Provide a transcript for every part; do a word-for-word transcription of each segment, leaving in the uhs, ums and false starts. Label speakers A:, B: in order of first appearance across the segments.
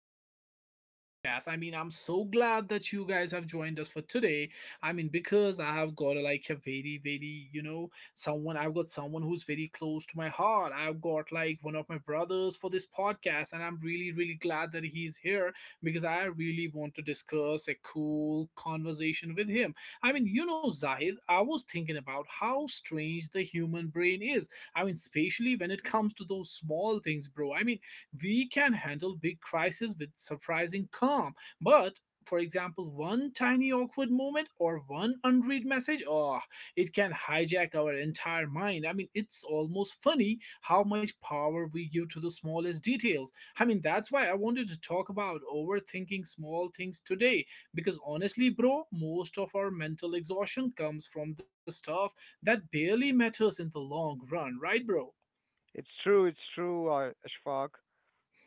A: back to my podcast. I mean, I'm so glad that you guys have joined us for today. I mean, because I have got like a very, very, you know, someone, I've got someone who's very close to my heart. I've got like one of my brothers for this podcast, and I'm really, really glad that he's here because I really want to discuss a cool conversation with him. I mean, you know, Zahid, I was thinking about how strange the human brain is. I mean, especially when it comes to those small things, bro. I mean, we can handle big crises with surprising calm, but for example, one tiny awkward moment or one unread message, oh, it can hijack our entire mind. I mean, it's almost funny how much power we give to the smallest details. I mean, that's why I wanted to talk about overthinking small things today because honestly, bro, most of our mental exhaustion comes from the stuff that barely matters in the long run, right, bro?
B: It's true, it's true, uh, Ashfaq.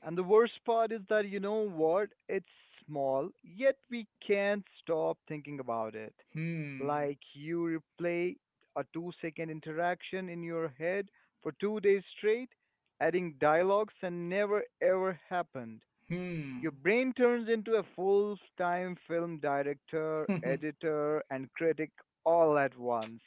B: And the worst part is that you know what? It's small, yet we can't stop thinking about it.
A: Hmm.
B: Like you replay a two second interaction in your head for two days straight, adding dialogues that never ever happened.
A: Hmm.
B: Your brain turns into a full time film director, editor, and critic all at once,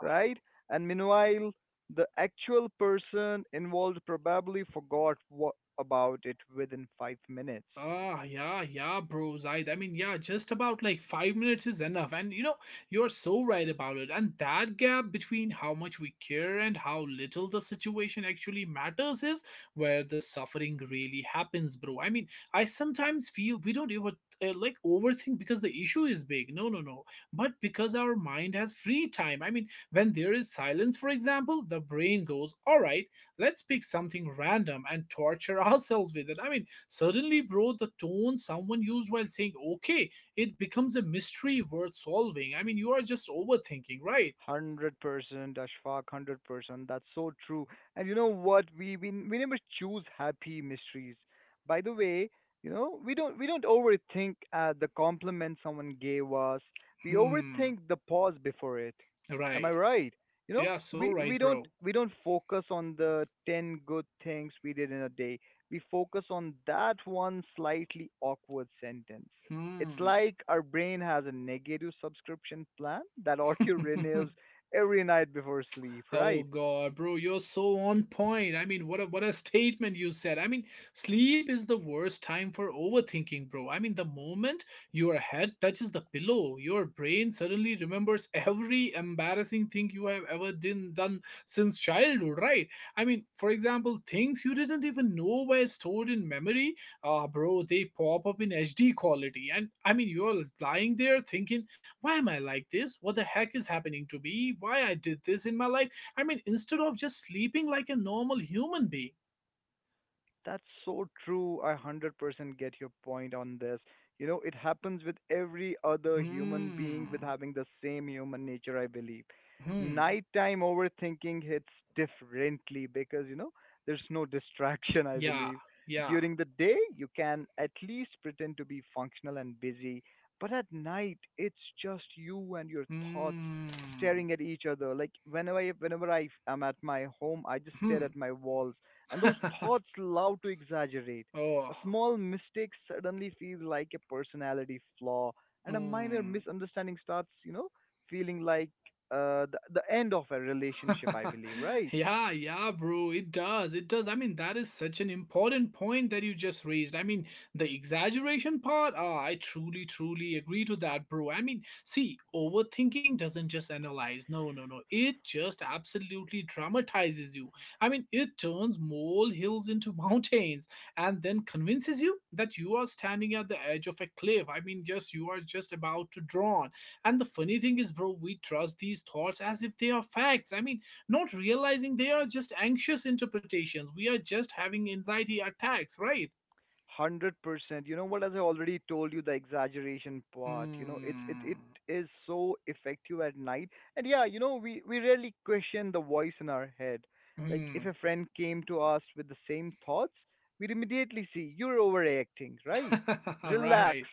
B: right? And meanwhile, the actual person involved probably forgot what about it within five minutes.
A: Ah, yeah, yeah, bro, Zaid. I mean, yeah, just about like five minutes is enough. And you know, you're so right about it. And that gap between how much we care and how little the situation actually matters is where the suffering really happens, bro. I mean, I sometimes feel we don't even uh, like overthink because the issue is big. No, no, no. But because our mind has free time. I mean, when there is silence, for example, the brain goes, all right, let's pick something random and torture ourselves with it. I mean, Suddenly, bro, the tone someone used while saying okay, it becomes a mystery worth solving. I mean, you are just overthinking, right?
B: Hundred percent, Ashfaq. Hundred percent. That's so true. And you know what? We we we never choose happy mysteries. By the way, you know we don't we don't overthink uh, the compliment someone gave us. We
A: Hmm.
B: overthink the pause before it. Am I
A: Right.
B: right? You know
A: Yeah, so
B: we
A: right,
B: we don't
A: bro.
B: we don't focus on the ten good things we did in a day. We focus on that one slightly awkward sentence. It's
A: Hmm.
B: like our brain has a negative subscription plan that auto renews every night before sleep,
A: Oh
B: right?
A: God, bro, you're so on point. I mean, what a what a statement you said. I mean, sleep is the worst time for overthinking, bro. I mean, the moment your head touches the pillow, your brain suddenly remembers every embarrassing thing you have ever done done since childhood, right? I mean, for example, things you didn't even know were stored in memory, ah, bro, they pop up in H D quality. And I mean, you're lying there thinking, why am I like this? What the heck is happening to me? Why I did this in my life? I mean, instead of just sleeping like a normal human being.
B: That's so true. I hundred percent get your point on this. You know, it happens with every other human being with
A: Hmm.
B: having the same human nature, I believe.
A: Hmm.
B: Nighttime overthinking hits differently because, you know, there's no distraction, I
A: Yeah,
B: believe.
A: yeah.
B: During the day, you can at least pretend to be functional and busy, but at night, it's just you and your thoughts
A: Hmm.
B: staring at each other. Like whenever I, whenever I am at my home, I just stare
A: Hmm.
B: at my walls and those thoughts love to exaggerate.
A: Oh.
B: A small mistake suddenly feels like a personality flaw, and a minor
A: Hmm.
B: misunderstanding starts, you know, feeling like uh, the, the end of a relationship, I believe, right?
A: Yeah, yeah, bro. It does. It does. I mean, that is such an important point that you just raised. I mean, the exaggeration part, ah, I truly, truly agree to that, bro. I mean, see, overthinking doesn't just analyze. No, no, no. It just absolutely dramatizes you. I mean, it turns mole hills into mountains and then convinces you that you are standing at the edge of a cliff. I mean, just you are just about to drown. And the funny thing is, bro, we trust these thoughts as if they are facts. I mean, not realizing they are just anxious interpretations. We are just having anxiety attacks, right?
B: hundred percent. You know what? As I already told you, the exaggeration part, you know, it's it
A: Hmm.
B: it is so effective at night. And yeah, you know, we we rarely question the voice in our head. Like if
A: Hmm.
B: a friend came to us with the same thoughts, we'd immediately see you're overreacting, right? Relax.
A: Right.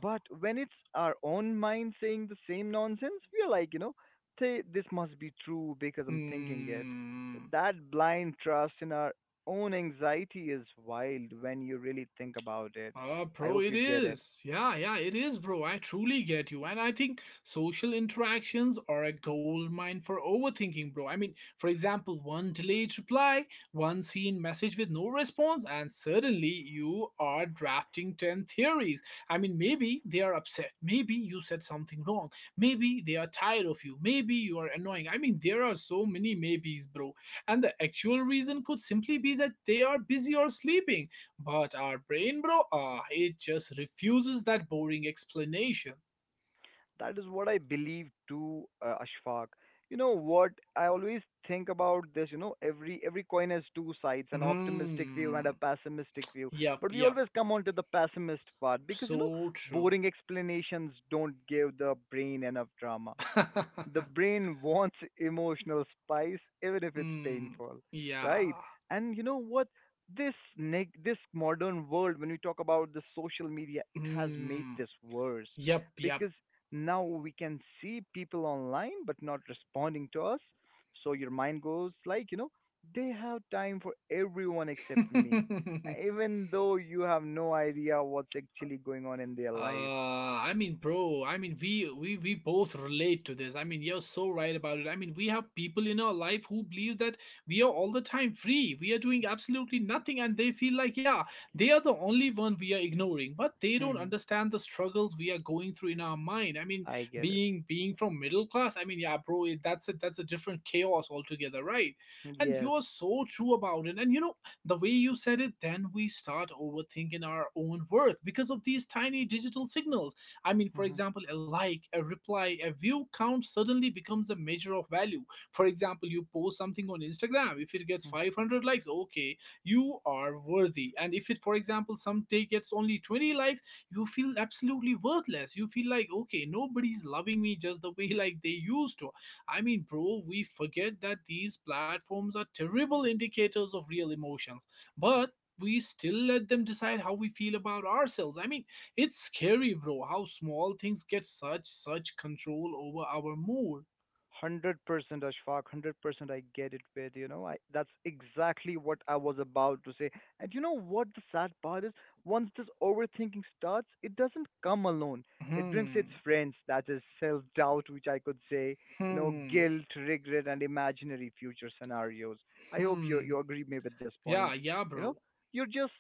B: But when it's our own mind saying the same nonsense, we're like, you know, say this must be true because I'm thinking it.
A: Hmm.
B: That blind trust in our own anxiety is wild when you really think about it.
A: Uh,
B: I
A: bro,
B: hope
A: it
B: you get it.
A: is. Yeah, yeah, it is, bro. I truly get you. And I think social interactions are a gold mine for overthinking, bro. I mean, for example, one delayed reply, one seen message with no response, and suddenly you are drafting ten theories. I mean, maybe they are upset. Maybe you said something wrong. Maybe they are tired of you. Maybe you are annoying. I mean, there are so many maybes, bro. And the actual reason could simply be that they are busy or sleeping, but our brain, bro, ah, it just refuses that boring explanation.
B: That is what I believe too, uh, Ashfaq. You know what? I always think about this. You know, every every coin has two sides, an optimistic view and a
A: Hmm.
B: pessimistic view.
A: Yup,
B: But we
A: yup.
B: always come on to the pessimist part because you know,
A: So true.
B: boring explanations don't give the brain enough drama. The brain wants emotional spice even if it's
A: Hmm.
B: painful, right?
A: Yeah.
B: And you know what, this neg- this modern world, when we talk about the social media, it has made
A: Hmm.
B: this worse
A: Yup, yup.
B: because now we can see people online but not responding to us. So your mind goes like, you know, they have time for everyone except me, even though you have no idea what's actually going on in their life.
A: Uh, I mean, bro, I mean, we, we we both relate to this. I mean, you're so right about it. I mean, we have people in our life who believe that we are all the time free. We are doing absolutely nothing, and they feel like, yeah, they are the only one we are ignoring. But they don't
B: Mhm.
A: understand the struggles we are going through in our mind. I mean,
B: I get it.
A: being being from middle class, I mean, yeah, bro, it, that's a that's a different chaos altogether, right? And
B: Yes.
A: you're so true about it. And you know, the way you said it, then we start overthinking our own worth because of these tiny digital signals. I mean, for example, a like, a reply, a view count suddenly becomes a measure of value. For example, you post something on Instagram, if it gets five hundred likes, okay, you are worthy. And if it, for example, some day gets only twenty likes, you feel absolutely worthless. You feel like, okay, nobody's loving me just the way like they used to. I mean, bro, we forget that these platforms are terrible indicators of real emotions, but we still let them decide how we feel about ourselves. I mean, it's scary, bro, how small things get such such control over our mood.
B: hundred percent Ashfaq, hundred percent I get it with, you know, I, that's exactly what I was about to say. And you know what the sad part is? Once this overthinking starts, it doesn't come alone. It brings its
A: Hmm.
B: friends, that is self doubt, which I could say, you know,
A: Hmm.
B: guilt, regret, and imaginary future scenarios. I hope you,
A: Hmm.
B: you agree with me with this
A: Yeah,
B: point.
A: yeah,
B: You know,
A: bro.
B: you're just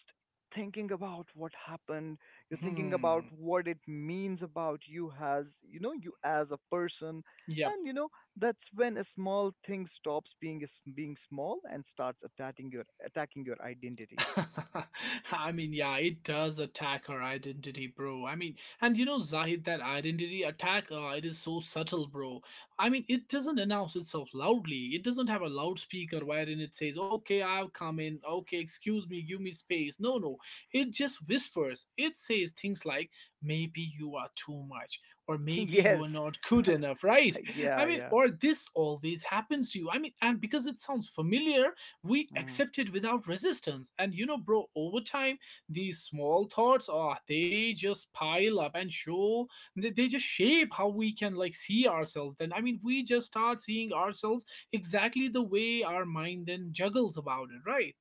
B: thinking about what happened, you're thinking about
A: Hmm.
B: what it means about you as, you know, you as a person.
A: Yep.
B: And you know that's when a small thing stops being s- being small and starts attacking your attacking your identity.
A: I mean, yeah, it does attack her identity, bro. I mean, and you know, Zahid, that identity attack, uh, it is so subtle, bro. I mean, it doesn't announce itself loudly. It doesn't have a loudspeaker wherein it says, okay, I've come in. Okay, excuse me, give me space. No, no. It just whispers. It says things like, maybe you are too much, or maybe you
B: Yes.
A: are not good enough, right?
B: Yeah,
A: I mean,
B: yeah.
A: or this always happens to you. I mean, and because it sounds familiar, we
B: Mhm.
A: accept it without resistance. And you know bro, over time these small thoughts are they just pile up and show they, they just shape how we can like see ourselves then. I mean we just start seeing ourselves exactly the way our mind then juggles about it, right?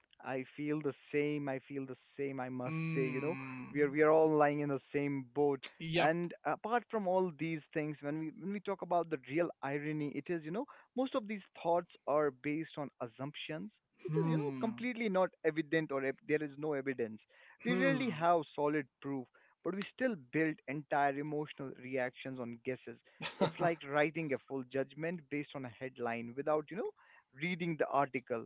B: I feel the same. I feel the same. I must say, you know, we are
A: Mm,
B: we are all lying in the same boat.
A: yep.
B: And apart from all these things, when we when we talk about the real irony, it is, you know, most of these thoughts are based on assumptions, which is, you know,
A: Hmm.
B: completely not evident or ev- there is no evidence. We really
A: Hmm.
B: have solid proof, but we still build entire emotional reactions on guesses. It's like writing a full judgment based on a headline without, you know, reading the article.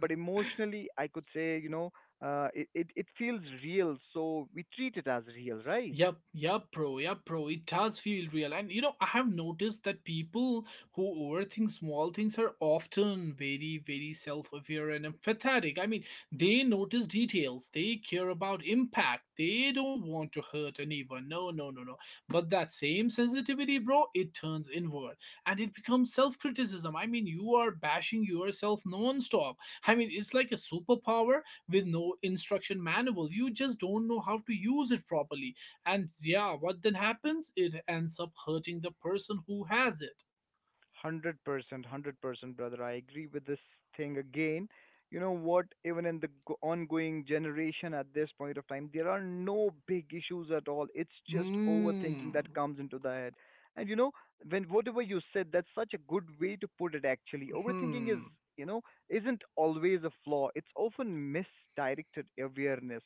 B: But emotionally, I could say, you know, uh, it, it it feels real, so we treat it as real, right?
A: Yep, yep, bro, yep, bro. It does feel real. And you know, I have noticed that people who overthink small things are often very, very self aware and empathetic. I mean, they notice details, they care about impact, they don't want to hurt anyone. No, no, no, no. But that same sensitivity, bro, it turns inward and it becomes self criticism. I mean, you are bashing yourself non stop. I mean, it's like a superpower with no instruction manual. You just don't know how to use it properly, and yeah, what then happens? It ends up hurting the person who has it.
B: hundred percent, hundred percent, brother. I agree with this thing again. You know what? Even in the go- ongoing generation at this point of time, there are no big issues at all. It's just
A: Hmm.
B: overthinking that comes into the head. And you know, when whatever you said, that's such a good way to put it actually. Overthinking is,
A: Hmm.
B: you know, isn't always a flaw, it's often misdirected awareness.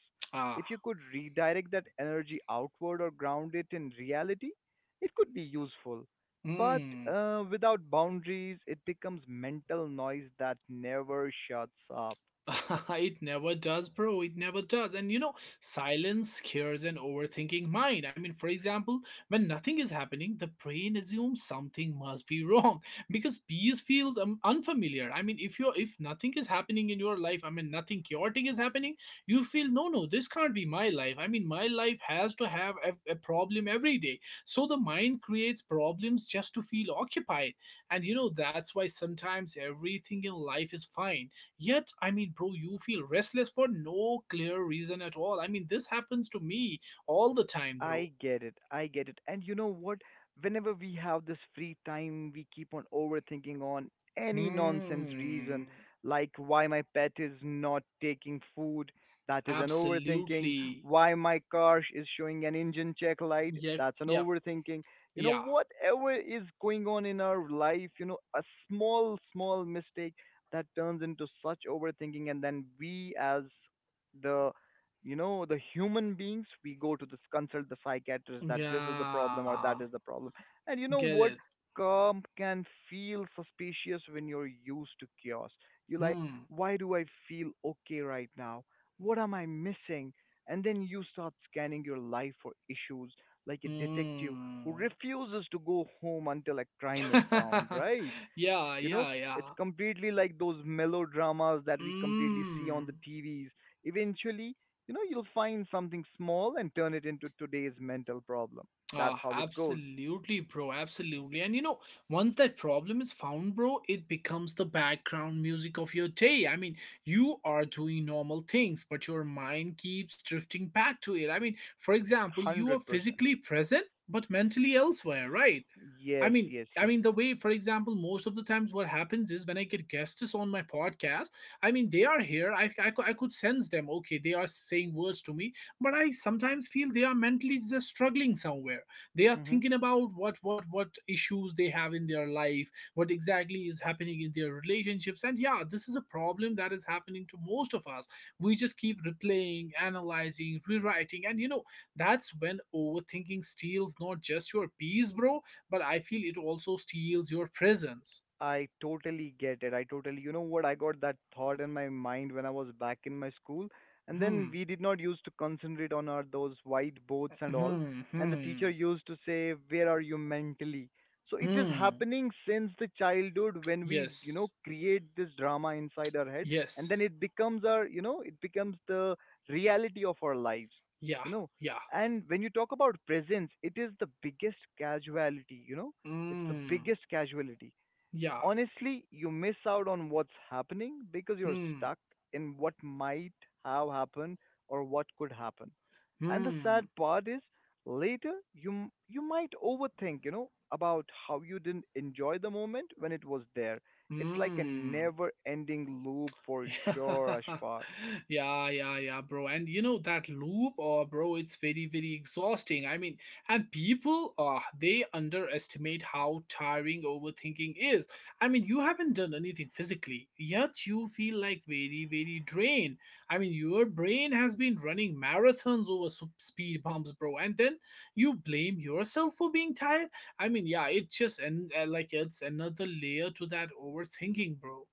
B: If you
A: Ah.
B: could redirect that energy outward or ground it in reality, it could be useful. But
A: Hmm.
B: uh, without boundaries, it becomes mental noise that never shuts up.
A: It never does, bro. It never does. And you know, silence scares an overthinking mind. I mean, for example, when nothing is happening, the brain assumes something must be wrong because peace feels um, unfamiliar. I mean, if you're if nothing is happening in your life, I mean, nothing chaotic is happening, you feel no, no, this can't be my life. I mean, my life has to have a, a problem every day. So the mind creates problems just to feel occupied. And you know, that's why sometimes everything in life is fine. Yet, I mean, bro, you feel restless for no clear reason at all. I mean, this happens to me all the time, bro.
B: I get it. I get it. And you know what? Whenever we have this free time, we keep on overthinking on any nonsense
A: Hmm.
B: reason, like why my pet is not taking food. That is an overthinking.
A: Absolutely.
B: Why my car sh- is showing an engine check light.
A: Yep.
B: That's an
A: Yep.
B: overthinking. You
A: Yeah.
B: know, whatever is going on in our life, you know, a small, small mistake that turns into such overthinking, and then we as the, you know, the human beings we go to this consult the psychiatrist that this is the problem or
A: Yeah.
B: that is the problem. And you
A: Get
B: know
A: it.
B: what, calm can feel suspicious when you're used to chaos. You like,
A: Hmm.
B: why do I feel okay right now? What am I missing? And then you start scanning your life for issues, like a detective who
A: Hmm.
B: refuses to go home until a crime is found, right?
A: Yeah.
B: You know,
A: Yeah.
B: it's
A: Yeah.
B: completely like those melodramas that we completely see on the
A: Hmm.
B: T Vs. Eventually, you know, you'll find something small and turn it into today's mental problem. That's
A: Ah,
B: how it goes.
A: absolutely, bro. Absolutely. And you know, once that problem is found, bro, it becomes the background music of your day. I mean, you are doing normal things, but your mind keeps drifting back to it. I mean, for example, you are
B: hundred percent.
A: physically present, but mentally elsewhere, right? I
B: Yes,
A: mean,
B: yes,
A: I
B: yes.
A: mean the way, for example, most of the times what happens is when I get guests on my podcast, I mean they are here. I, I, cou- I could sense them. Okay, they are saying words to me, but I sometimes feel they are mentally just struggling somewhere. They are
B: Mm-hmm.
A: thinking about what what what issues they have in their life, what exactly is happening in their relationships, and yeah, this is a problem that is happening to most of us. We just keep replaying, analyzing, rewriting, and you know that's when overthinking steals not just your peace, bro, but I feel it also steals your presence.
B: I totally get it. I totally, you know what? I got that thought in my mind when I was back in my school, and then
A: Hmm,
B: we did not used to concentrate on our those whiteboards and all,
A: hmm,
B: and the
A: hmm,
B: teacher used to say, "Where are you mentally?" So it is
A: hmm.
B: happening since the childhood when we, you know,
A: Yes,
B: create this drama inside our head, and
A: yes,
B: then it becomes our, you know, it becomes the reality of our lives,
A: yeah,
B: you know.
A: yeah.
B: And when you talk about presence, it is the biggest casualty, you know, it's the
A: Hmm,
B: biggest casualty
A: yeah,
B: honestly. You miss out on what's happening because you're
A: hmm,
B: stuck in what might have happened or what could happen. And the sad
A: hmm,
B: part is later you m- you might overthink, you know, about how you didn't enjoy the moment when it was there. It's like a
A: hmm.
B: never-ending loop for sure, Ashfaq.
A: Yeah, yeah, yeah, bro. And you know that loop, or bro, it's very, very exhausting. I mean, and people, uh, they underestimate how tiring overthinking is. I mean, you haven't done anything physically, yet you feel like very, very drained. I mean, your brain has been running marathons over sup- speed bumps, bro, and then you blame yourself for being tired. I mean, yeah, it just and uh, like it's another layer to that overthinking, bro.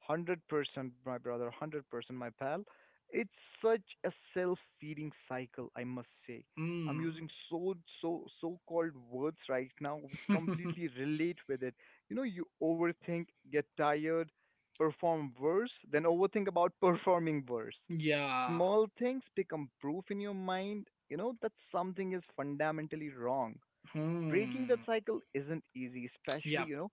B: hundred percent, my brother, hundred percent, my pal. It's such a self-feeding cycle, I must say. I'm
A: Hmm.
B: using so so so-called words right now which completely relate with it. You know, you overthink, get tired, perform worse, then overthink about performing worse.
A: Yeah.
B: Small things become proof in your mind, you know, that something is fundamentally wrong. Breaking that
A: Hmm.
B: cycle isn't easy, especially,
A: Yeah.
B: you know,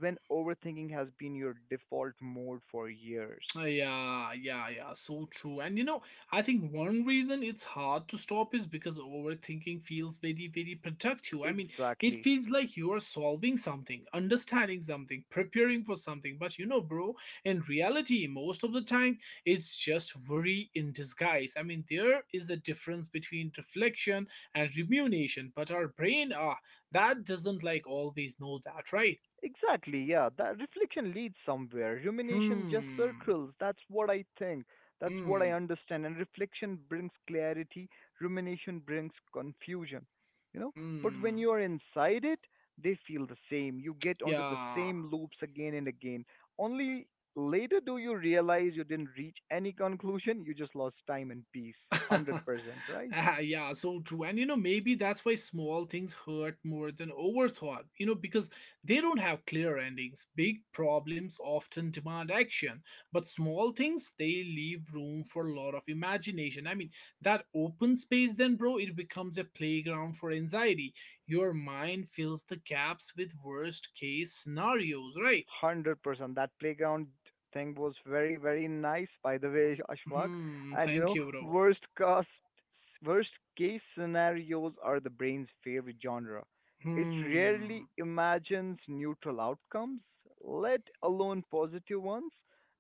B: when overthinking has been your default mode for years.
A: Yeah. Yeah. Yeah. So true. And you know, I think one reason it's hard to stop is because overthinking feels very, very productive. I mean, it
B: Exactly.
A: feels like you are solving something, understanding something, preparing for something. But you know, bro, in reality, most of the time, it's just worry in disguise. I mean, there is a difference between reflection and rumination, but our brain, ah, that doesn't like always know that, right?
B: Exactly, yeah. That reflection leads somewhere. Rumination just
A: Hmm.
B: circles. That's what I think. That's what I
A: Mm,
B: understand. And reflection brings clarity, rumination brings confusion. You know, but when
A: hmm.
B: you are inside it, they feel the same. You get onto the
A: Yeah.
B: same loops again and again. Only later do you realize you didn't reach any conclusion. You just lost time and peace. hundred percent, right?
A: Ah, yeah, so true. And you know, maybe that's why small things hurt more than overthought, you know, because they don't have clear endings. Big problems often demand action, but small things, they leave room for a lot of imagination. I mean, that open space, then, bro, it becomes a playground for anxiety. Your mind fills the gaps with worst case scenarios, right?
B: Hundred percent. That playground thing was very, very nice, by the way, Ashfaq.
A: Hmm,
B: And you
A: thank
B: know,
A: you, bro.
B: worst cost, worst case scenarios are the brain's favorite genre. It
A: Hmm.
B: rarely imagines neutral outcomes, let alone positive ones.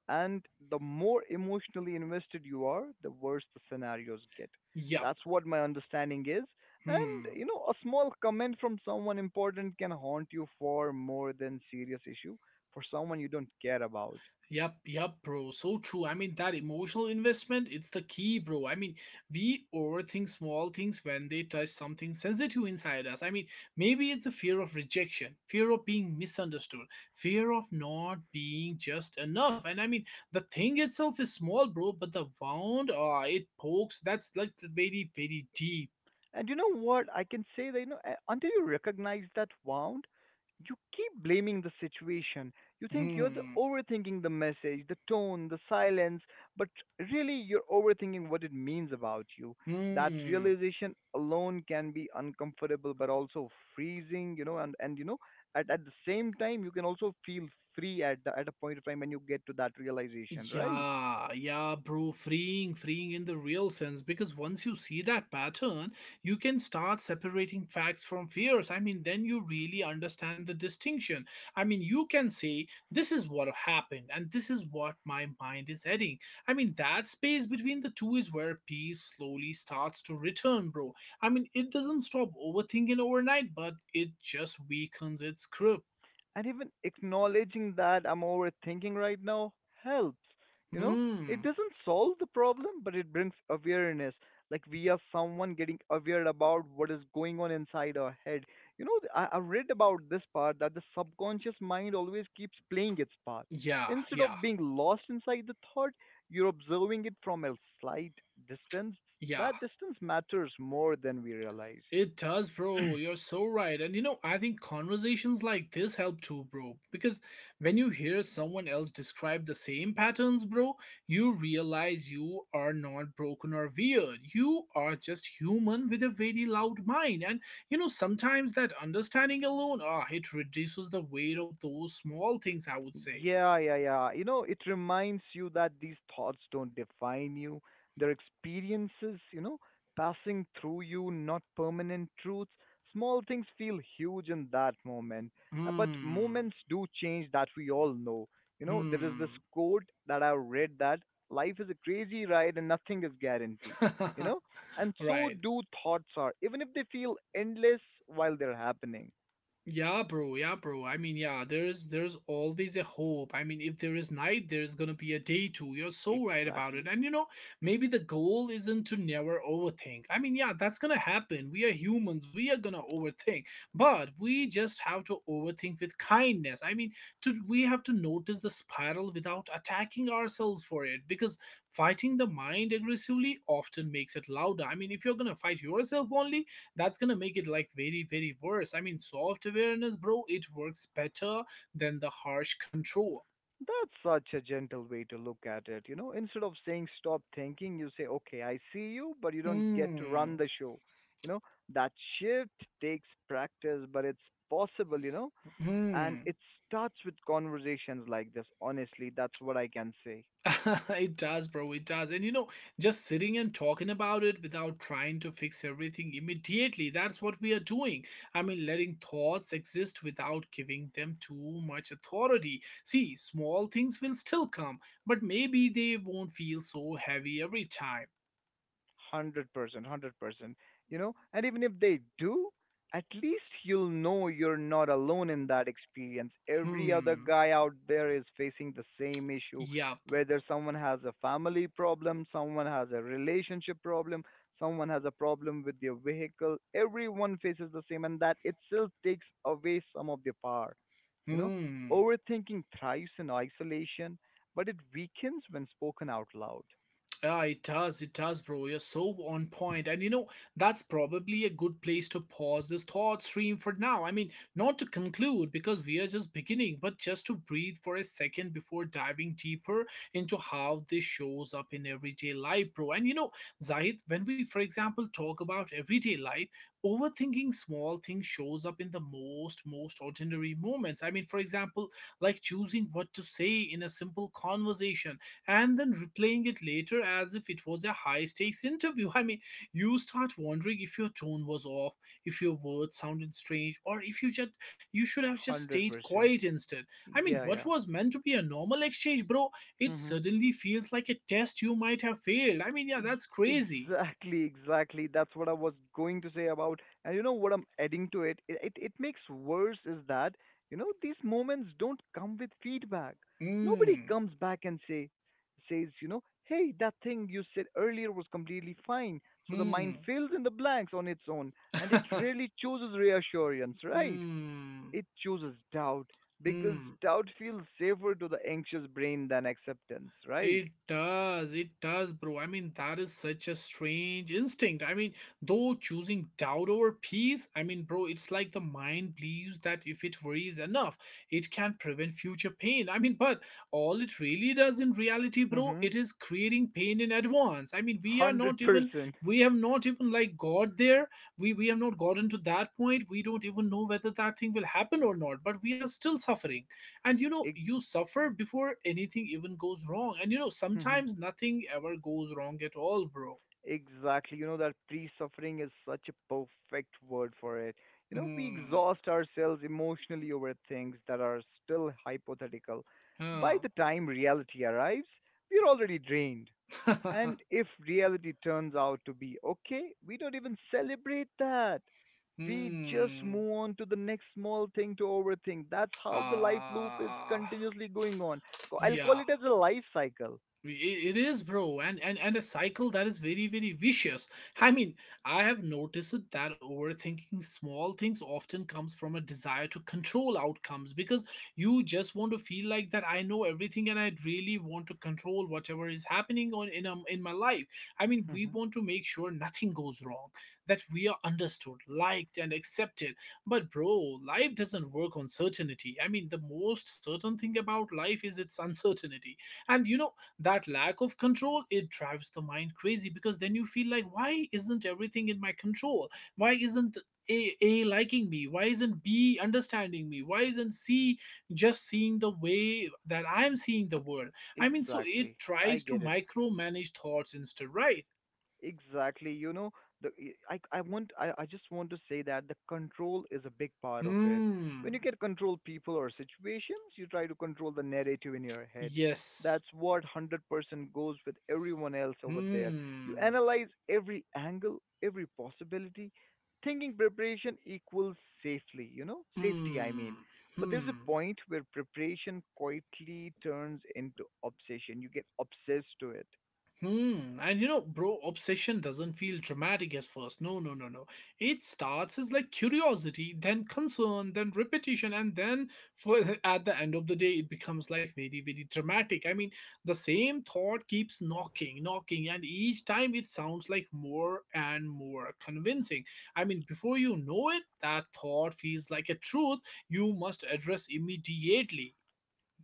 B: And the more emotionally invested you are, the worse the scenarios get.
A: Yep.
B: That's what my understanding is. And
A: Hmm.
B: you know, a small comment from someone important can haunt you far more than serious issues for someone you don't care about.
A: Yep, yep, bro. So true. I mean, that emotional investment, it's the key, bro. I mean, we overthink small things when they touch something sensitive inside us. I mean, maybe it's a fear of rejection, fear of being misunderstood, fear of not being just enough. And I mean, the thing itself is small, bro, but the wound uh, it pokes, that's like very, very deep.
B: And you know what? I can say that you know uh, until you recognize that wound, you keep blaming the situation. You think you're the
A: Hmm.
B: overthinking the message, the tone, the silence, but really you're overthinking what it means about you. That
A: Hmm.
B: realization alone can be uncomfortable, but also freezing. You know, and and you know, at at the same time, you can also feel free at the, at a point of time when you get to that realization, right?
A: Yeah, yeah, bro. Freeing, freeing in the real sense. Because once you see that pattern, you can start separating facts from fears. I mean, then you really understand the distinction. I mean, you can say, this is what happened, and this is what my mind is heading. I mean, that space between the two is where peace slowly starts to return, bro. I mean, it doesn't stop overthinking overnight, but it just weakens its grip.
B: And even acknowledging that I'm overthinking right now helps. You know, it
A: Hmm.
B: doesn't solve the problem, but it brings awareness. Like we are someone getting aware about what is going on inside our head. You know, th- I, I read about this part that the subconscious mind always keeps playing its part.
A: Yeah,
B: Instead
A: yeah,
B: of being lost inside the thought, you're observing it from a slight distance.
A: yeah.
B: That distance matters more than we realize.
A: It does, bro. You're so right. And you know, I think conversations like this help too, bro. Because when you hear someone else describe the same patterns, bro, you realize you are not broken or weird. You are just human with a very loud mind. And you know, sometimes that understanding alone, ah, it reduces the weight of those small things, I would say.
B: Yeah, yeah, yeah. You know, it reminds you that these thoughts don't define you. They're experiences, you know, passing through you, not permanent truths. Small things feel huge in that moment. Uh, But
A: Hmm.
B: moments do change that we all know. You know, there is this
A: Hmm.
B: quote that I read that life is a crazy ride and nothing is guaranteed. You know, and so
A: Right.
B: do thoughts are, even if they feel endless while they're happening.
A: Yeah, bro. Yeah, bro. I mean, yeah, there's there's always a hope. I mean, if there is night, there is gonna be a day too. You're so right about it.
B: Exactly.
A: And you know, maybe the goal isn't to never overthink. I mean, yeah, that's gonna happen. We are humans. We are gonna overthink, but we just have to overthink with kindness. I mean, to we have to notice the spiral without attacking ourselves for it because fighting the mind aggressively often makes it louder. I mean, if you're gonna fight yourself only, that's gonna make it like very, very worse. I mean, soft awareness, bro, it works better than the harsh control.
B: That's such a gentle way to look at it. You know, instead of saying stop thinking, you say, okay, I see you, but you don't get to
A: Hmm.
B: run the show. You know, that shift takes practice, but it's possible, you know, and
A: Hmm.
B: it starts with conversations like this. Honestly, that's what I can say.
A: It does, bro. It does. And you know, just sitting and talking about it without trying to fix everything immediately, that's what we are doing. I mean, letting thoughts exist without giving them too much authority. See, small things will still come, but maybe they won't feel so heavy every time.
B: Hundred percent, hundred percent. You know, and even if they do, at least you'll know you're not alone in that experience. Every other
A: Hmm.
B: guy out there is facing the same issue,
A: Yup.
B: whether someone has a family problem, someone has a relationship problem, someone has a problem with their vehicle. Everyone faces the same, and that itself takes away some of their power. You know,
A: Hmm.
B: overthinking thrives in isolation, but it weakens when spoken out loud.
A: Yeah, it does. It does, bro. You're so on point. And you know, that's probably a good place to pause this thought stream for now. I mean, not to conclude because we are just beginning, but just to breathe for a second before diving deeper into how this shows up in everyday life, bro. And you know, Zahid, when we, for example, talk about everyday life, overthinking small things shows up in the most most ordinary moments. I mean, for example, like choosing what to say in a simple conversation, and then replaying it later as if it was a high stakes interview. I mean, you start wondering if your tone was off, if your words sounded strange, or if you just you should have just
B: Hundred
A: stayed
B: percent.
A: quiet instead. I mean,
B: Yeah,
A: what
B: yeah.
A: was meant to be a normal exchange, bro, it
B: Mm-hmm.
A: suddenly feels like a test you might have failed. I mean, yeah,
B: Y-
A: that's crazy.
B: exactly, exactly. That's what I was going to say about. And you know what I'm adding to it? It it, it makes worse is that, you know, these moments don't come with feedback. Nobody
A: Hmm.
B: comes back and say says, you know, hey, that thing you said earlier was completely fine. So the mind
A: Hmm.
B: fills in the blanks on its own and it really chooses reassurance, right?
A: Hmm.
B: It chooses doubt because
A: Hmm.
B: doubt feels safer to the anxious brain than acceptance, right?
A: It does, it does, bro. I mean, that is such a strange instinct. I mean, though choosing doubt over peace, I mean, bro, it's like the mind believes that if it worries enough, it can prevent future pain. I mean, but all it really does in reality, bro, it is creating pain in advance. I mean, we are
B: Hundred
A: not even,
B: percent.
A: we have not even like got there. We we have not gotten to that point. We don't even know whether that thing will happen or not, but we are still suffering. And you know,
B: Ex-
A: you suffer before anything even goes wrong. And you know, sometimes nothing ever goes wrong at all, bro.
B: exactly. You know that pre-suffering is such a perfect word for it. You know, we
A: Hmm.
B: exhaust ourselves emotionally over things that are still hypothetical. By
A: Huh.
B: the time reality arrives, we're already drained. And if reality turns out to be okay, we don't even celebrate that. We just
A: Hmm.
B: move on to the next small thing to overthink. That's how the life loop is
A: Ah.
B: continuously going on. Co- I'll call
A: Yeah.
B: it as a life cycle.
A: It it is, bro, and, and and a cycle that is very, very vicious. I mean, I have noticed it that overthinking small things often comes from a desire to control outcomes because you just want to feel like that I know everything and I really want to control whatever is happening on in um, in my life. I mean, we want to make sure nothing goes wrong, that we are understood, liked, and accepted. But bro, life doesn't work on certainty. I mean, the most certain thing about life is its uncertainty. And you know, that lack of control, it drives the mind crazy because then you feel like, why isn't everything in my control? Why isn't a, a liking me? Why isn't B understanding me? Why isn't C just seeing the way that I'm seeing the world? I mean, so it
B: Exactly. I
A: tries to
B: get it.
A: micromanage thoughts instead, right?
B: Exactly. You know, the I I want I, I just want to say that the control is a big part of it. When you
A: Hmm.
B: can control people or situations, you try to control the narrative in your head.
A: Yes.
B: That's what one hundred percent goes with everyone else over there. You
A: Hmm.
B: analyze every angle, every possibility. Thinking preparation equals safely, you know, safety, I mean.
A: Hmm.
B: But there's a
A: Hmm.
B: point where preparation quietly turns into obsession. You get obsessed to it.
A: Hmm. And you know, bro, obsession doesn't feel dramatic at first. No, no, no, no. It starts as like curiosity, then concern, then repetition, and then for at the end of the day, it becomes like very, very dramatic. I mean, the same thought keeps knocking, knocking, and each time it sounds like more and more convincing. I mean, before you know it, that thought feels like a truth you must address immediately.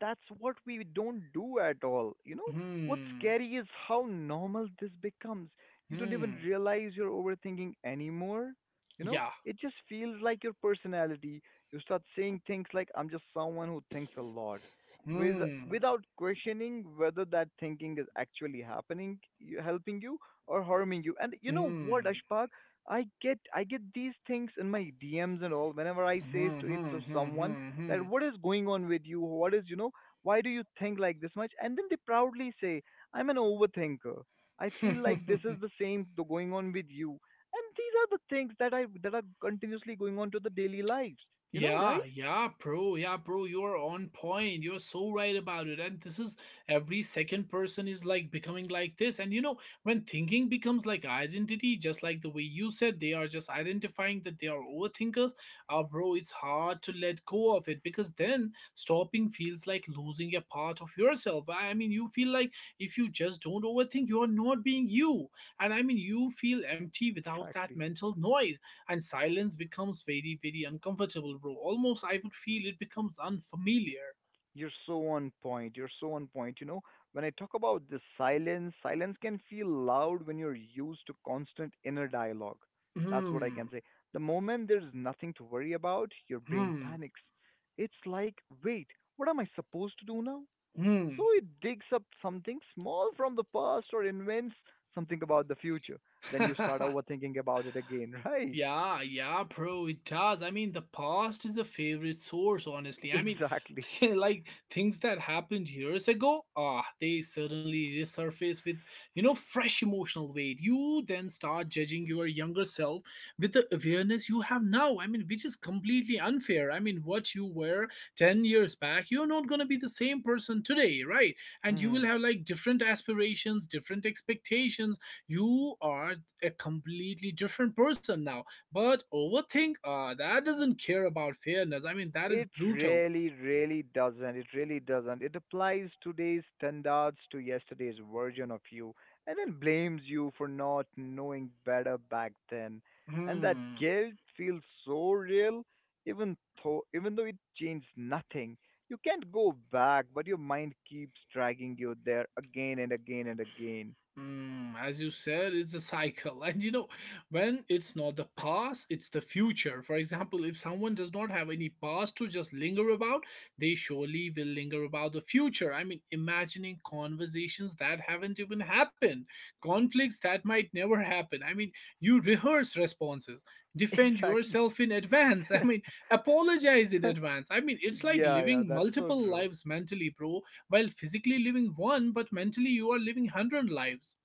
B: That's what we don't do at all. You know, what's
A: Hmm.
B: scary is how normal this becomes. You don't even
A: Hmm.
B: realize you're overthinking anymore. You know,
A: Yeah.
B: it just feels like your personality. You start saying things like, I'm just someone who thinks a lot. With,
A: Hmm.
B: without questioning whether that thinking is actually happening, you- helping you or harming you. And you know what,
A: Hmm.
B: Ashpak? I get I get these things in my D Ms and all. Whenever I say
A: Hmm,
B: to it
A: hmm,
B: to
A: hmm,
B: someone,
A: hmm,
B: that what is going on with you, what, is you know, why do you think like this much? And then they proudly say I'm an overthinker. I feel like this
A: hmm.
B: is the same th- going on with you, and these are the things that I that are continuously going on to the daily lives, you know,
A: Yeah,
B: right?
A: yeah, bro. Yeah, bro, you're on point. You're so right about it. And this is, every second person is like becoming like this. And you know, when thinking becomes like identity, just like the way you said, they are just identifying that they are overthinkers. Ah, bro, it's hard to let go of it because then stopping feels like losing a part of yourself. I mean, you feel like if you just don't overthink, you are not being you. And I mean, you feel empty without that
B: Exactly.
A: mental noise, and silence becomes very, very uncomfortable, bro. Almost, I would feel, it becomes unfamiliar.
B: You're so on point. You're so on point. You know, when I talk about the silence, silence can feel loud when you're used to constant inner dialogue. That's what I can
A: Hmm.
B: say. The moment there's nothing to worry about, your brain
A: Hmm.
B: panics. It's like, wait, what am I supposed to do now?
A: Hmm.
B: So it digs up something small from the past or invents something about the future. Then you start overthinking about it again, right?
A: Yeah, yeah, bro, it does. I mean, the past is a favorite source, honestly. I mean,
B: Exactly.
A: like things that happened years ago, ah, they suddenly resurface with, you know, fresh emotional weight. You then start judging your younger self with the awareness you have now. I mean, which is completely unfair. I mean, what you were ten years back, you're not going to be the same person today, right? And you will
B: Mhm.
A: have like different aspirations, different expectations. You are a completely different person now, but overthink, uh, that doesn't care about fairness. I mean, that is
B: It
A: brutal.
B: really, really doesn't. It really doesn't. It applies today's standards to yesterday's version of you and then blames you for not knowing better back then. And that
A: Hmm.
B: guilt feels so real, even though, even though it changed nothing. You can't go back, but your mind keeps dragging you there again and again and again.
A: Mm, as you said, it's a cycle. And you know, when it's not the past, it's the future. For example, if someone does not have any past to just linger about, they surely will linger about the future. I mean, imagining conversations that haven't even happened, conflicts that might never happen. I mean, you rehearse responses, defend
B: Exactly.
A: yourself in advance. I mean, apologize in advance. I mean, it's like
B: Yeah, yeah,
A: living
B: that's so
A: multiple
B: true.
A: lives mentally, bro, while physically living one, but mentally you are living one hundred lives.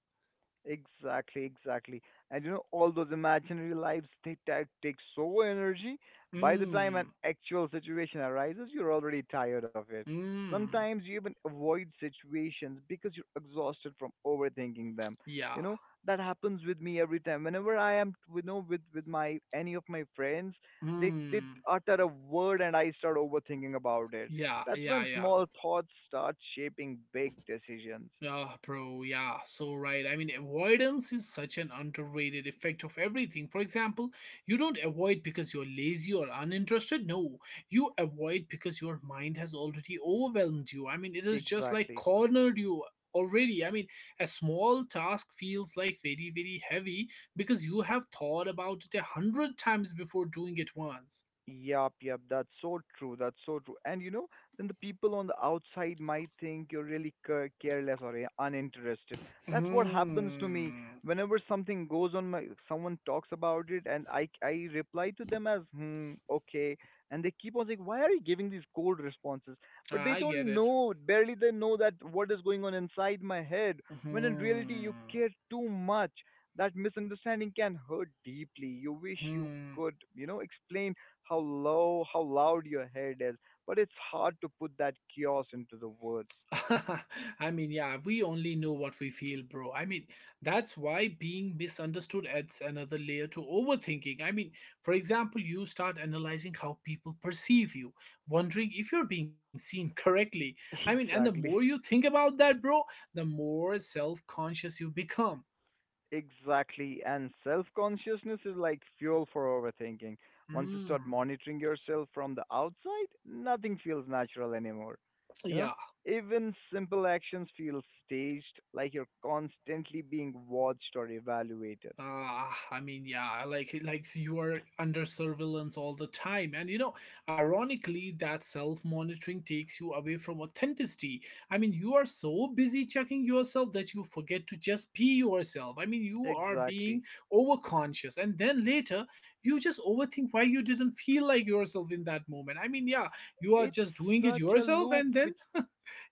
B: Exactly, exactly. And you know, all those imaginary lives they take take so energy. By the time an
A: Mm,
B: actual situation arises, you're already tired of it.
A: mm,
B: Sometimes you even avoid situations because you're exhausted from overthinking them.
A: yeah,
B: You know, that happens with me every time. Whenever I am, you know, with with my any of my friends, they they
A: mm,
B: utter a word and I start overthinking about it.
A: yeah,
B: That's
A: yeah,
B: when
A: yeah.
B: small thoughts start shaping big decisions.
A: Ah, bro, yeah, so right. I mean, avoidance is such an underrated effect of everything. For example, you don't avoid because you're lazy or uninterested. No, you avoid because your mind has already overwhelmed you. I mean, it has just like
B: Exactly.
A: cornered you already. I mean, a small task feels like very, very heavy because you have thought about it a hundred times before doing it once.
B: Yep, yep, that's so true. That's so true. And you know, then the people on the outside might think you're really ca- careless or uh, uninterested. That's what happens to me
A: Hmm.
B: whenever something goes on my, someone talks about it and I I reply to them as hmm, okay, and they keep on saying, "Why are you giving these cold responses?" But they
A: I get
B: don't
A: it.
B: know, barely they know that what is going on inside my head, when in reality
A: Hmm.
B: you care too much. That misunderstanding can hurt deeply. You wish you
A: Hmm.
B: could, you know, explain how low, how loud your head is, but it's hard to put that chaos into the words.
A: I mean, yeah, we only know what we feel, bro. I mean, that's why being misunderstood adds another layer to overthinking. I mean, for example, you start analyzing how people perceive you, wondering if you're being seen correctly. I mean, and the more you
B: Exactly.
A: think about that, bro, the more self conscious you become.
B: Exactly. And self consciousness is like fuel for overthinking. Once you
A: Mm,
B: start monitoring yourself from the outside, nothing feels natural anymore. You know,
A: yeah.
B: even simple actions feel staged, like you're constantly being watched or evaluated.
A: Ah, I mean, yeah, like like you are under surveillance all the time, and you know, ironically, that self-monitoring takes you away from authenticity. I mean, you are so busy checking yourself that you forget to just be yourself. I mean, you are being
B: Exactly.
A: overconscious, and then later you just overthink why you didn't feel like yourself in that moment. I mean, yeah, you are
B: It's
A: just doing it
B: such a
A: yourself,
B: loop
A: and then
B: which,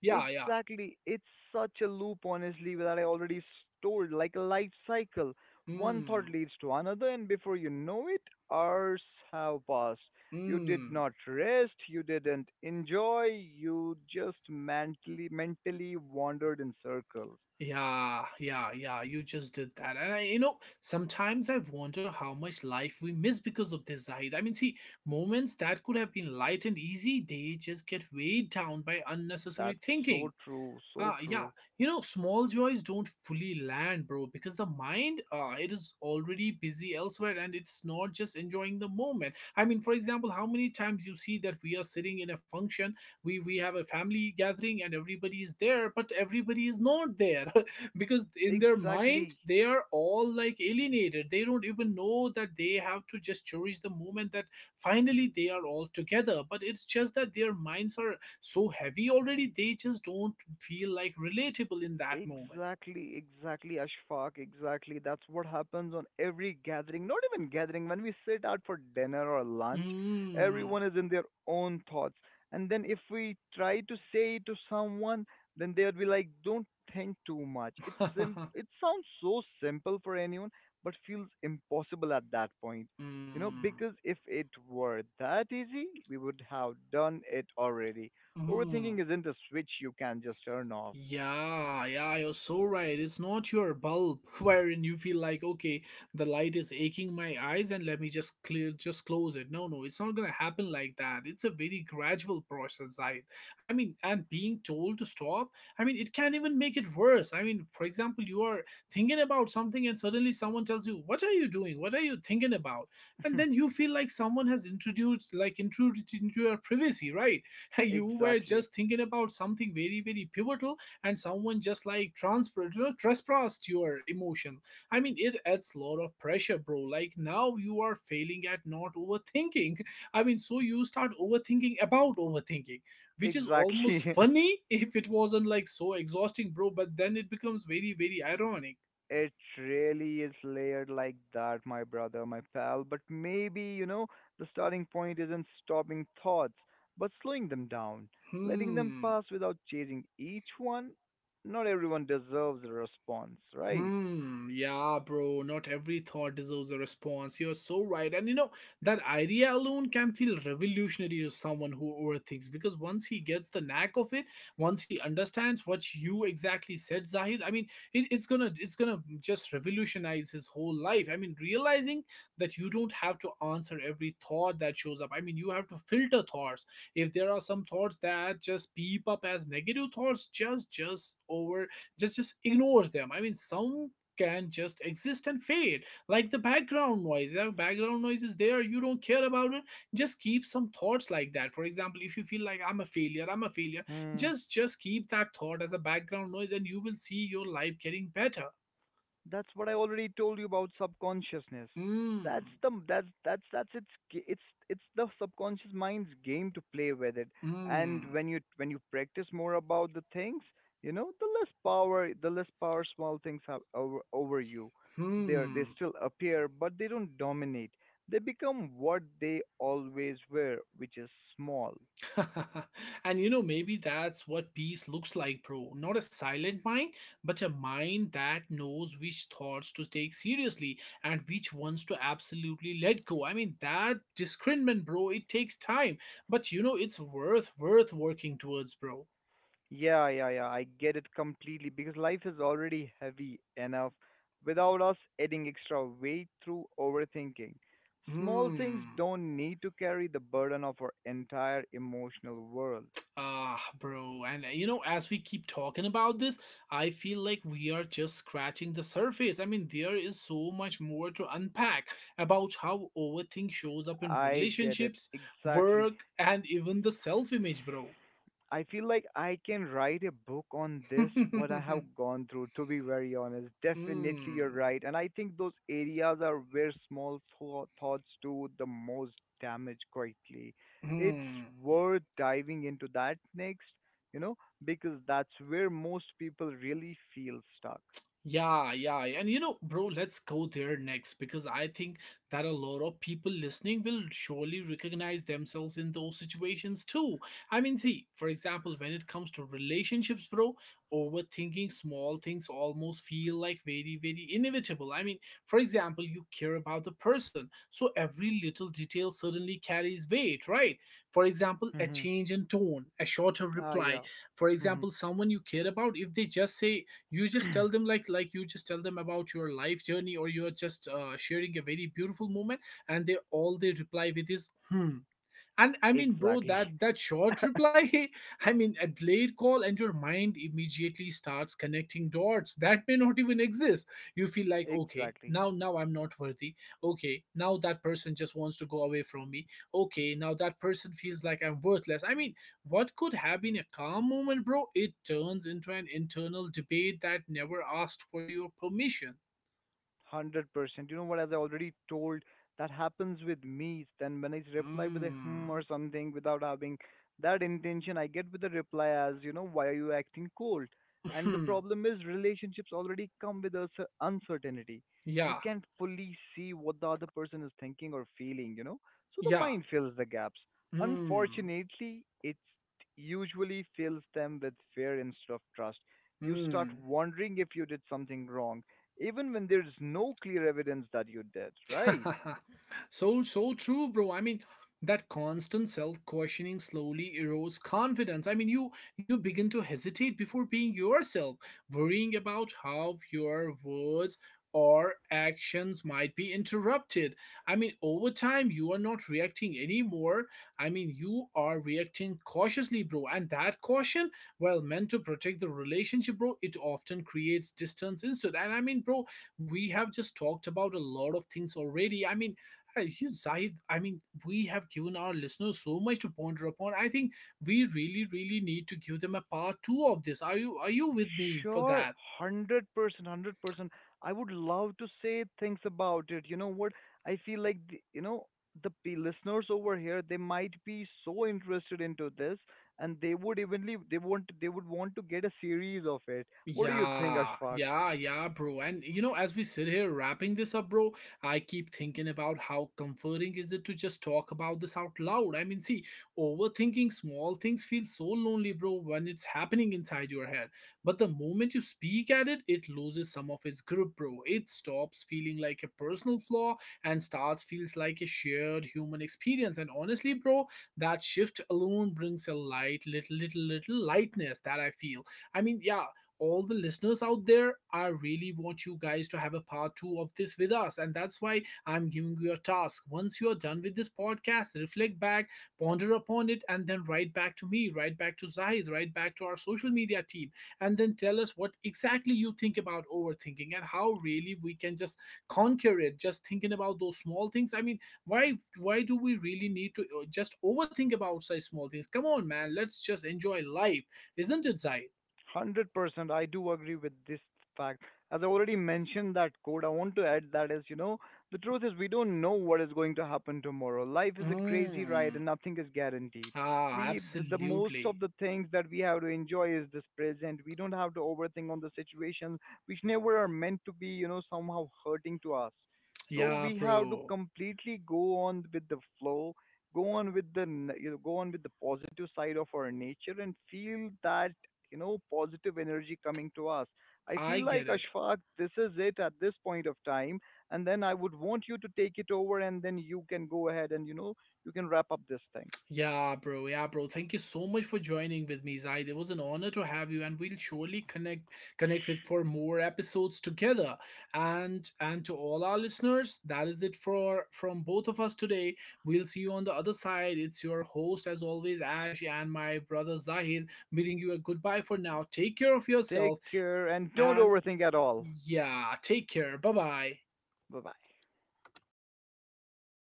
A: yeah, yeah,
B: exactly. It's such a loop, honestly, that I already told, like a life cycle. One thought
A: hmm,
B: leads to another, and before you know it, hours have passed. You did
A: hmm.
B: not rest, you didn't enjoy, you just mentally mentally wandered in circles.
A: Yeah, yeah, yeah. You just did that. And I, you know, sometimes I wonder how much life we miss because of this, Zahid. I mean, see, moments that could have been light and easy, they just get weighed down by unnecessary
B: That's so
A: thinking.
B: true, so
A: Ah, yeah.
B: true.
A: You know, small joys don't fully land, bro, because the mind, uh, it is already busy elsewhere and it's not just enjoying the moment. I mean, for example, how many times you see that we are sitting in a function, we we have a family gathering and everybody is there, but everybody is not there because in their mind
B: Exactly.
A: they are all like alienated. They don't even know that they have to just cherish the moment that finally they are all together, but it's just that their minds are so heavy already they just don't feel like relatable in that moment.
B: Exactly, exactly, Ashfaq. Exactly. That's what happens on every gathering, not even gathering, when we sit out for dinner or lunch,
A: Mm.
B: everyone is in their own thoughts. And then if we try to say to someone, then they would be like, don't think too much. It's sim- it sounds so simple for anyone, but feels impossible at that point. You know,
A: Mm.
B: because if it were that easy, we would have done it already. Overthinking
A: Mm.
B: isn't a switch you can just turn off.
A: Yeah, yeah, you're so right. It's not your bulb wherein you feel like, okay, the light is aching my eyes and let me just clear just close it. No, no, it's not gonna happen like that. It's a very gradual process, I I mean, and being told to stop, I mean it can even make it worse. I mean, for example, you are thinking about something and suddenly someone tells you, what are you doing? What are you thinking about? And then you feel like someone has introduced like intruded into your privacy, right? You were
B: Exactly.
A: just thinking about something very, very pivotal and someone just like transferred you know, trespassed your emotion. I mean it adds a lot of pressure, bro, like now you are failing at not overthinking. I mean, so you start overthinking about overthinking, which is almost
B: Exactly.
A: funny if it wasn't like so exhausting, bro, but then it becomes very, very ironic.
B: It really is layered like that, my brother, my pal. But maybe, you know, the starting point isn't stopping thoughts, but slowing them down, letting them
A: Hmm.
B: pass without chasing each one. Not everyone deserves a response, right?
A: Hmm, yeah, bro, not every thought deserves a response. You're so right. And you know, that idea alone can feel revolutionary to someone who overthinks because once he gets the knack of it, once he understands what you exactly said, Zahid, I mean, it, it's gonna it's gonna just revolutionize his whole life. I mean, realizing that you don't have to answer every thought that shows up. I mean, you have to filter thoughts. If there are some thoughts that just peep up as negative thoughts, just just over just just ignore them. I mean, some can just exist and fade like the background noise. The background noise is there, you don't care about it. Just keep some thoughts like that. For example, if you feel like I'm a failure, I'm a failure,
B: Hmm.
A: just just keep that thought as a background noise and you will see your life getting better.
B: That's what I already told you about subconsciousness.
A: Hmm.
B: That's the that's that's that's it's g- it's it's the subconscious mind's game to play with it. And
A: Hmm.
B: when you when you practice more about the things, you know, the less power the less power small things have over over you. They are, they
A: Hmm.
B: still appear, but they don't dominate. They become what they always were, which is small.
A: And you know, maybe that's what peace looks like, bro. Not a silent mind, but a mind that knows which thoughts to take seriously and which ones to absolutely let go. I mean, that discernment, bro, it takes time, but you know, it's worth worth working towards, bro.
B: Yeah, yeah, yeah. I get it completely because life is already heavy enough without us adding extra weight through overthinking. Small things
A: Hmm.
B: don't need to carry the burden of our entire emotional world.
A: Ah, bro, and uh, you know, as we keep talking about this, I feel like we are just scratching the surface. I mean, there is so much more to unpack about how overthink shows up in
B: I get it
A: relationships,
B: exactly.
A: work, and even the self image, bro.
B: I feel like I can write a book on this, what I have gone through, to be very honest. Definitely, you're
A: Hmm.
B: right. And I think those areas are where small thou- thoughts do the most damage quietly. It's
A: Hmm.
B: worth diving into that next, you know, because that's where most people really feel stuck.
A: Yeah, yeah, yeah. And you know, bro, let's go there next because I think that a lot of people listening will surely recognize themselves in those situations too. I mean, see, for example, when it comes to relationships, bro, overthinking small things almost feel like very, very inevitable. I mean, for example, you care about the person, so every little detail suddenly carries weight, right? For example, a
B: Mm-hmm.
A: change in tone, a shorter
B: Ah,
A: reply,
B: yeah.
A: for
B: Mm-hmm.
A: example someone you care about if they just say, you just tell them like like you just tell them about your life journey or you're just uh, sharing a very beautiful moment and they all they reply with is hmm. And I mean, bro,
B: Exactly.
A: that that short reply, I mean, a delayed call, and your mind immediately starts connecting dots that may not even exist. You feel like, okay,
B: Exactly.
A: now now I'm not worthy. Okay, now that person just wants to go away from me. Okay, now that person feels like I'm worthless. I mean, what could have been a calm moment, bro? It turns into an internal debate that never asked for your permission.
B: one hundred percent. You know what, as I already told, that happens with me. Then when I reply with a
A: Hmm.
B: hmm or something without having that intention, I get with the reply as, you know, why are you acting cold? And the problem is relationships already come with a cer- uncertainty. You
A: Yeah.
B: can't fully see what the other person is thinking or feeling, you know? So the
A: Yeah.
B: mind fills the gaps.
A: Hmm.
B: Unfortunately, it usually fills them with fear instead of trust. You start
A: Hmm.
B: wondering if you did something wrong even when there's no clear evidence that you did, right?
A: So so true, bro. I mean that constant self-questioning slowly erodes confidence. I mean you you begin to hesitate before being yourself, worrying about how your words or actions might be interrupted. I mean, over time you are not reacting anymore. I mean you are reacting cautiously, bro, and that caution, well meant to protect the relationship, bro, it often creates distance instead. And I mean, bro, we have just talked about a lot of things already. I mean, uh, you, Zahid, I mean, we have given our listeners so much to ponder upon. I think we really, really need to give them a part two of this. Are you are you with me for
B: Sure,
A: that?
B: one hundred percent, one hundred percent. I would love to say things about it. You know what? I feel like the, you know, the p- listeners over here, they might be so interested into this and they would evenly, they want, they would want to get a series of it. What do you think,
A: Yeah,
B: Ashfaq?
A: yeah, yeah, bro. And you know, as we sit here wrapping this up, bro, I keep thinking about how comforting is it to just talk about this out loud. I mean, see, overthinking small things feels so lonely, bro, when it's happening inside your head. But the moment you speak at it, it loses some of its grip, bro. It stops feeling like a personal flaw and starts feels like a shared human experience. And honestly, bro, that shift alone brings a light, little, little, little lightness that I feel. I mean, yeah, all the listeners out there, I really want you guys to have a part two of this with us. And that's why I'm giving you a task. Once you are done with this podcast, reflect back, ponder upon it, and then write back to me, write back to Zahid, write back to our social media team, and then tell us what exactly you think about overthinking and how really we can just conquer it, just thinking about those small things. I mean, why why do we really need to uh, just overthink about such small things? Come on, man, let's just enjoy life, isn't it, Zahid?
B: one hundred percent. I do agree with this fact. As I already mentioned that quote, I want to add that is, you know, the truth is we don't know what is going to happen tomorrow. Life is a crazy ride
A: Mm,
B: and nothing is guaranteed.
A: ah,
B: We the, the most of
A: absolutely.
B: the things that we have to enjoy is this present. We don't have to overthink on the situations which never are meant to be, you know, somehow hurting to us. So
A: Yeah,
B: we have to
A: bro.
B: completely go on with the flow, go on with the n- you know, go on with the positive side of our nature and feel that, you know, positive energy coming to us. I
A: I
B: feel
A: get
B: like,
A: it.
B: Ashfaq, this is it at this point of time. And then I would want you to take it over and then you can go ahead and, you know, you can wrap up these things.
A: Yeah, bro. Yeah, bro. Thank you so much for joining with me, Zaid. It was an honor to have you, and we'll surely connect connect with for more episodes together. And and to all our listeners, that is it for from both of us today. We'll see you on the other side. It's your host, as always, Ash, and my brother Zahid, bidding you a goodbye for now. Take care of
B: Take
A: yourself,
B: care and don't
A: and
B: overthink at all.
A: yeah, take care. Bye bye.
B: Bye bye.